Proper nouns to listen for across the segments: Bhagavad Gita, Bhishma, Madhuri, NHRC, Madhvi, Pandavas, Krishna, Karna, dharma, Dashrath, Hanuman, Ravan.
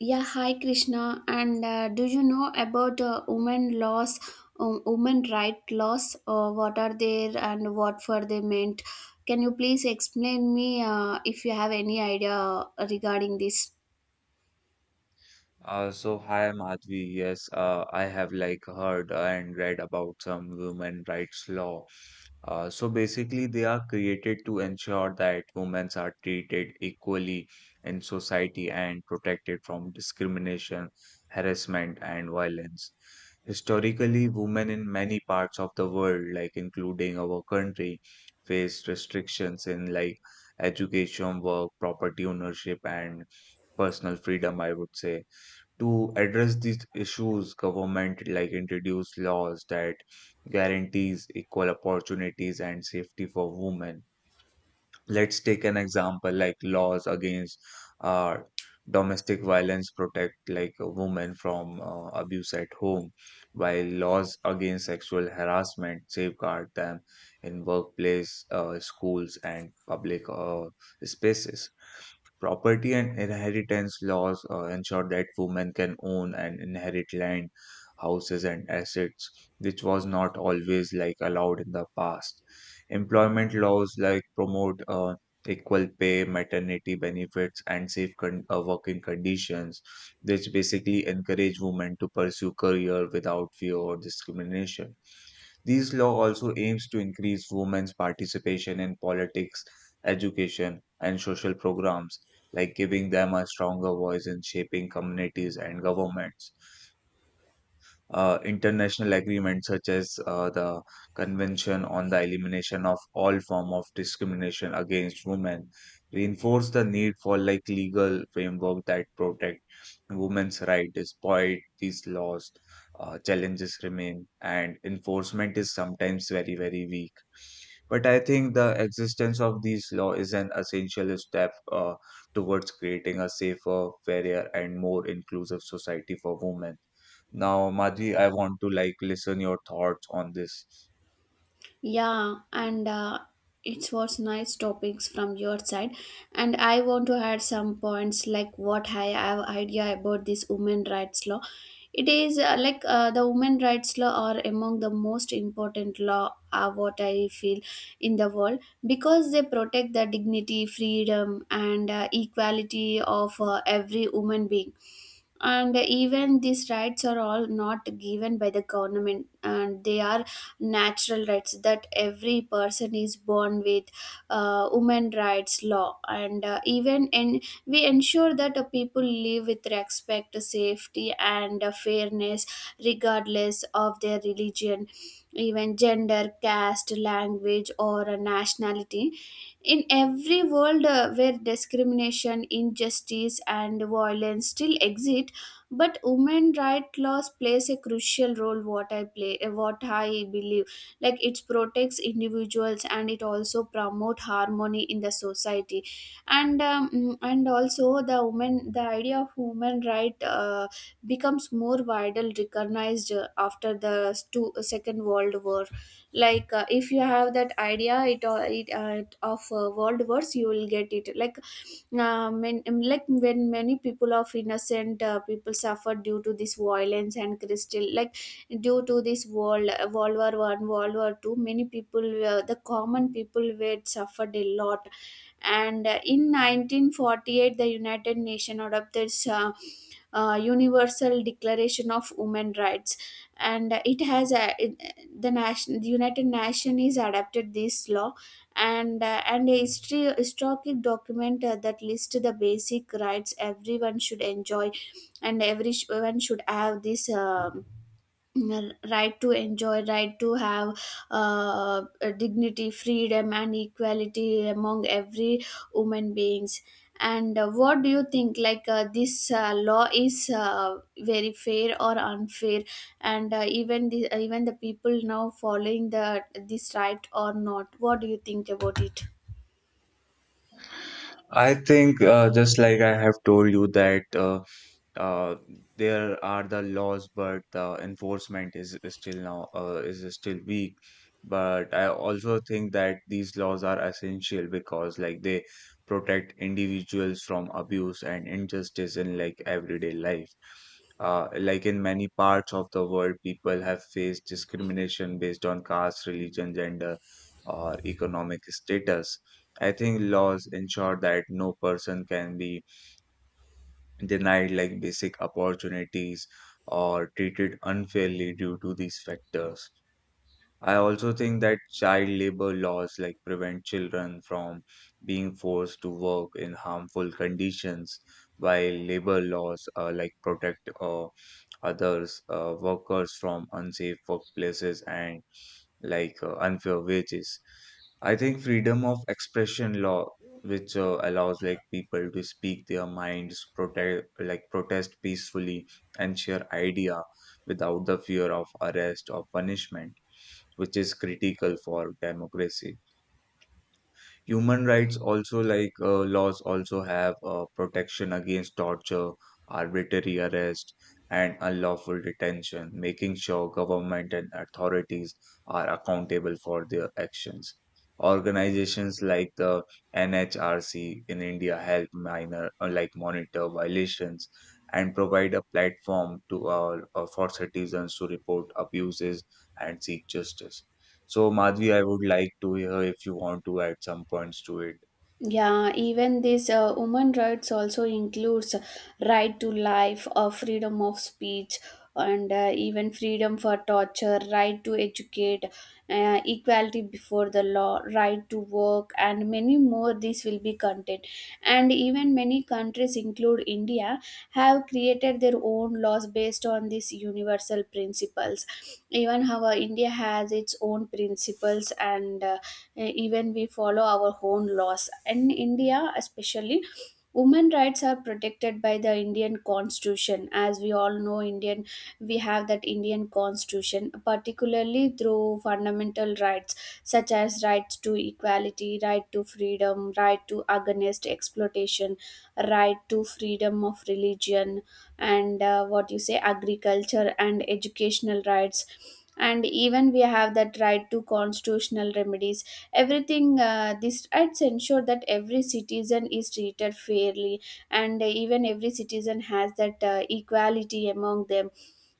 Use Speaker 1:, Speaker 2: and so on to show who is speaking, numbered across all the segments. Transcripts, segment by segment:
Speaker 1: Yeah, hi Krishna. And do you know about women laws, women right laws? What are there and what for they meant? Can you please explain me if you have any idea regarding this?
Speaker 2: So hi, Madhvi. Yes, I have like heard and read about some women rights law. So basically, they are created to ensure that women are treated equally in society and protected from discrimination, harassment, and violence. Historically, women in many parts of the world, like including our country, faced restrictions in like education, work, property ownership, and personal freedom, I would say to address these issues government like introduce laws that guarantees equal opportunities and safety for women. Let's take an example like laws against uh, domestic violence protect like a woman from abuse at home, while laws against sexual harassment safeguard them in workplace, schools, and public spaces. Property and inheritance laws ensure that women can own and inherit land, houses, and assets, which was not always like allowed in the past. Employment laws like promote equal pay, maternity benefits, and working conditions, which basically encourage women to pursue career without fear or discrimination. These law also aims to increase women's participation in politics, education, and social programs, like giving them a stronger voice in shaping communities and governments. International agreements such as the Convention on the Elimination of All Form of Discrimination Against Women reinforce the need for like legal framework that protect women's rights. Despite these laws, challenges remain, and enforcement is sometimes very very weak. But I think the existence of these laws is an essential step towards creating a safer, fairer, and more inclusive society for women. Now, Madhvi, I want to like listen your thoughts on this.
Speaker 1: Yeah, and it was nice topics from your side. And I want to add some points like what I have idea about this women rights law. It is the women rights law are among the most important law what I feel in the world because they protect the dignity, freedom, and equality of every woman being. And even these rights are all not given by the government and they are natural rights that every person is born with. Women rights law and even and we ensure that people live with respect, safety, and fairness regardless of their religion, even gender, caste, language, or nationality. In every world where discrimination, injustice, and violence still exist, but women right laws plays a crucial role, what I believe. Like it protects individuals and it also promote harmony in the society. And and also the woman, the idea of women right becomes more widely recognized after the second world war. Like if you have that idea it, it of world wars, you will get it. Like like when many people of innocent people suffer due to this violence and crystal, like due to this world war one, world war two, many people, the common people were suffered a lot. And in 1948, the united nations adopted universal declaration of human rights. And it has a, the united Nations is adapted this law. And a history historic document that lists the basic rights everyone should enjoy, and everyone should have this right to enjoy, right to have a dignity, freedom, and equality among every human beings. And what do you think, like this law is very fair or unfair? And even the people now following the this right or not? What do you think about it?
Speaker 2: I think just like I have told you that uh, there are the laws, but the enforcement is still now is still weak. But I also think that these laws are essential because like they protect individuals from abuse and injustice in like everyday life. Like in many parts of the world, people have faced discrimination based on caste, religion, gender, or economic status. I think laws ensure that no person can be denied like basic opportunities or treated unfairly due to these factors. I also think that child labor laws like prevent children from being forced to work in harmful conditions, while labor laws like protect others workers from unsafe workplaces and like unfair wages. I think freedom of expression law, which allows like people to speak their minds, protest peacefully and share idea without the fear of arrest or punishment, which is critical for democracy. Human rights also, like laws, also have protection against torture, arbitrary arrest, and unlawful detention, making sure government and authorities are accountable for their actions. Organizations like the NHRC in India help like monitor violations and provide a platform to for citizens to report abuses and seek justice. So, Madhvi, I would like to hear if you want to add some points to it.
Speaker 1: Yeah, even this women rights also includes right to life, freedom of speech, and even freedom for torture, right to educate, equality before the law, right to work, and many more. This will be content, and even many countries, include India, have created their own laws based on these universal principles. Even how India has its own principles and. Even we follow our own laws. In India, especially, women rights are protected by the indian constitution. As we all know, indian we have that indian constitution, particularly through fundamental rights such as rights to equality, right to freedom, right to against exploitation, right to freedom of religion, and what you say, agriculture and educational rights, and even we have that right to constitutional remedies, everything. These acts ensure that every citizen is treated fairly, and even every citizen has that equality among them,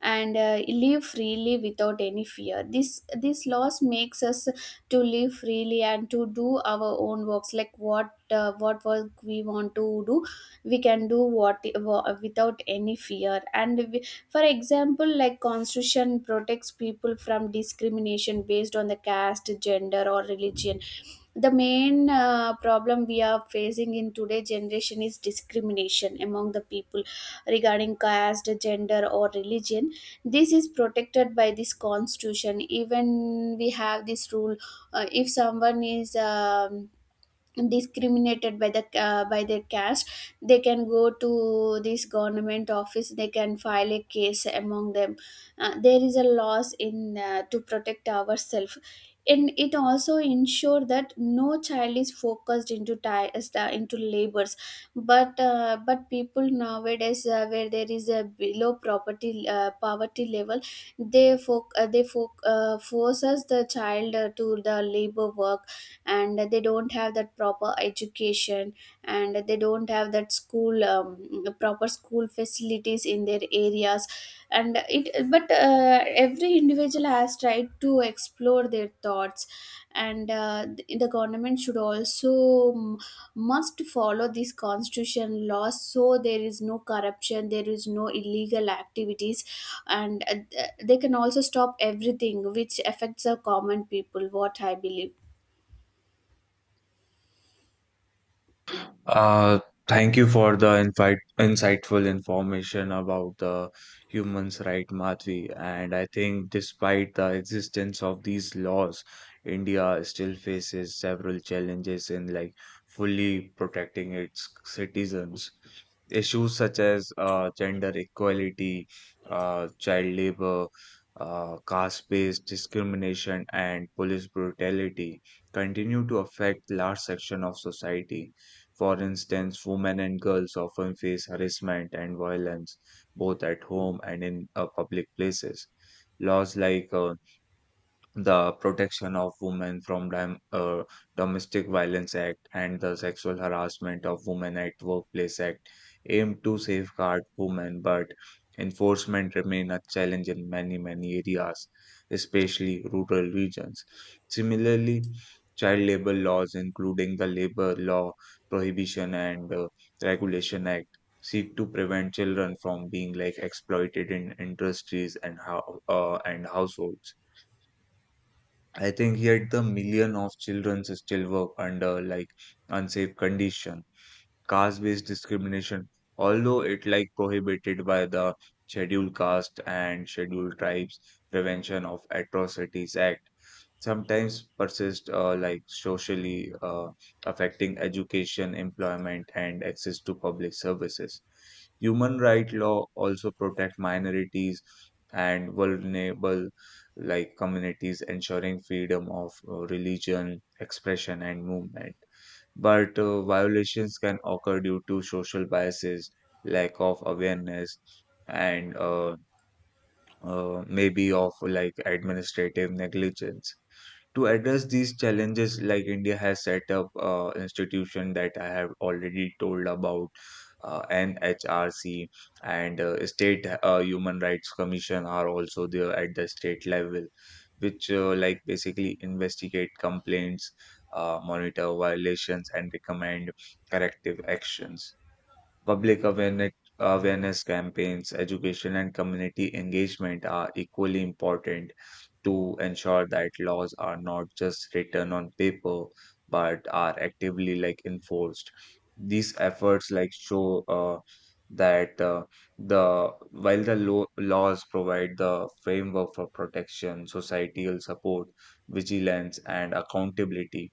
Speaker 1: and live freely without any fear. This laws makes us to live freely and to do our own works, like what work we want to do we can do, without any fear. And for example, like constitution protects people from discrimination based on the caste, gender, or religion. The main problem we are facing in today generation is discrimination among the people regarding caste, gender, or religion. This is protected by this constitution. Even we have this rule. If someone is discriminated by the by their caste, they can go to this government office, they can file a case among them. There is a laws in to protect ourselves, and it also ensure that no child is focused into into labors. But but people nowadays, where there is a below property, poverty level, forces the child to the labor work, and they don't have that proper education, and they don't have that school, proper school facilities in their areas. And it But every individual has tried to explore their thoughts, and the government should also must follow these constitution laws, so there is no corruption, there is no illegal activities. And they can also stop everything which affects the common people, what I believe.
Speaker 2: Uh, Thank you for the insightful information about the human's right, Madhvi. And I think despite the existence of these laws, India still faces several challenges in like fully protecting its citizens. Issues such as gender equality, child labor, caste-based discrimination, and police brutality continue to affect large section of society. For instance, women and girls often face harassment and violence both at home and in public places. Laws like the Protection of Women from Domestic Violence Act and the Sexual Harassment of Women at Workplace Act aim to safeguard women, but enforcement remain a challenge in many, many areas, especially rural regions. Similarly, child labor laws, including the Labor Law Prohibition and Regulation Act, seek to prevent children from being like exploited in industries and how and households. I think yet the million of children still work under like unsafe condition. Caste-based discrimination, although it like prohibited by the Scheduled Caste and Scheduled Tribes Prevention of Atrocities Act, sometimes persist like socially, affecting education, employment, and access to public services. Human rights law also protect minorities and vulnerable like communities, ensuring freedom of religion, expression, and movement, but violations can occur due to social biases, lack of awareness, and maybe of like administrative negligence. To address these challenges, like India has set up institution that I have already told about, NHRC, and state human rights commission are also there at the state level, which like basically investigate complaints, monitor violations, and recommend corrective actions. Public awareness, Awareness campaigns, education, and community engagement are equally important to ensure that laws are not just written on paper but are actively like enforced. These efforts like show that the while the laws provide the framework for protection, societal support, vigilance, and accountability,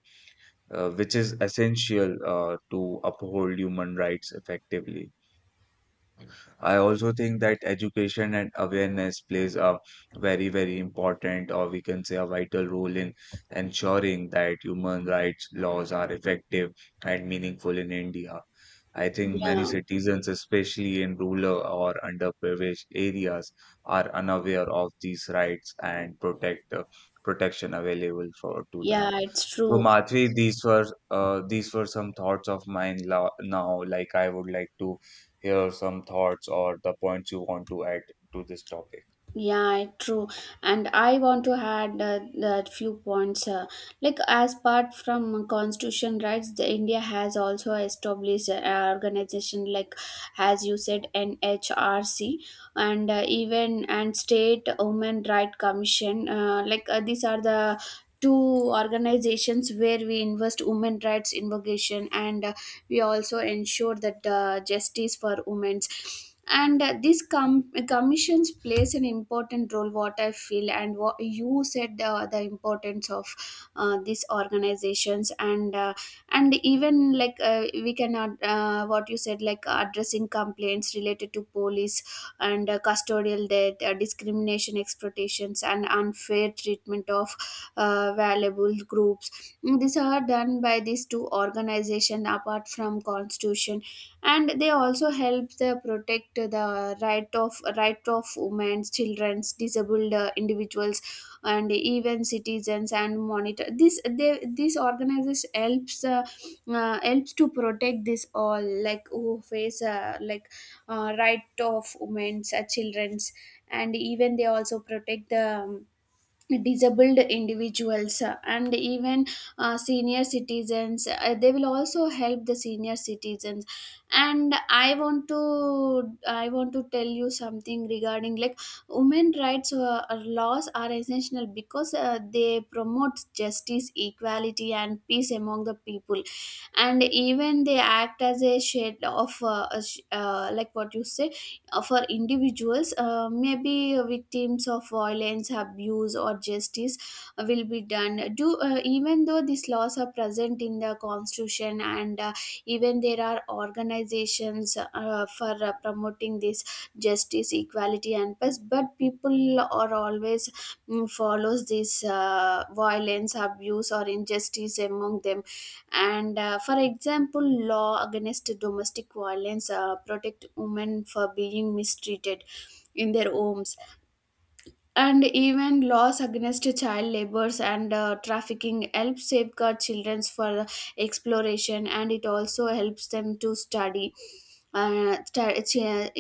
Speaker 2: which is essential to uphold human rights effectively. I also think that education and awareness plays a very, very important, or we can say a vital role in ensuring that human rights laws are effective and meaningful in India. I think many
Speaker 1: Yeah,
Speaker 2: citizens, especially in rural or underprivileged areas, are unaware of these rights and protection available for to
Speaker 1: yeah,
Speaker 2: them.
Speaker 1: it's
Speaker 2: So
Speaker 1: true.
Speaker 2: Madhuri, these were some thoughts of now. Like I would like to hear some thoughts or the points you want to add to this topic.
Speaker 1: Yeah, it's true. And I want to add that few points. Like as part from constitution rights, the India has also established organization like, as you said, NHRC, and even and State Women Right Commission. These are the two organizations where we invest women rights invocation, and we also ensure that justice for women's. And these commissions plays an important role, what I feel, and what you said, the importance of these organizations. And even like what you said, like addressing complaints related to police and custodial death, discrimination, exploitations, and unfair treatment of valuable groups. These are done by these two organizations apart from constitution, and they also help the protect the right of women, childrens, disabled individuals, and even citizens, and monitor this. They, this organization helps, helps to protect this all, like who face, right of women's, children's, and even they also protect the disabled individuals, and even senior citizens. They will also help the senior citizens. And I want to tell you something regarding, like, women rights laws are essential because they promote justice, equality, and peace among the people, and even they act as a shade of like what you said, for individuals, maybe victims of violence, abuse, or justice will be done. Do Even though these laws are present in the constitution, and even there are organizations for promoting this justice, equality, and peace, but people are always, follows this violence, abuse, or injustice among them. And for example, law against domestic violence protect women for being mistreated in their homes, and even laws against child labors and trafficking help safeguard children for exploration, and it also helps them to study, uh, sta- chi-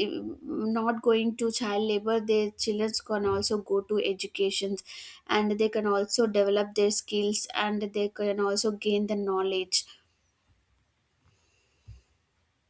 Speaker 1: not going to child labor, their children can also go to educations, and they can also develop their skills, and they can also gain the knowledge.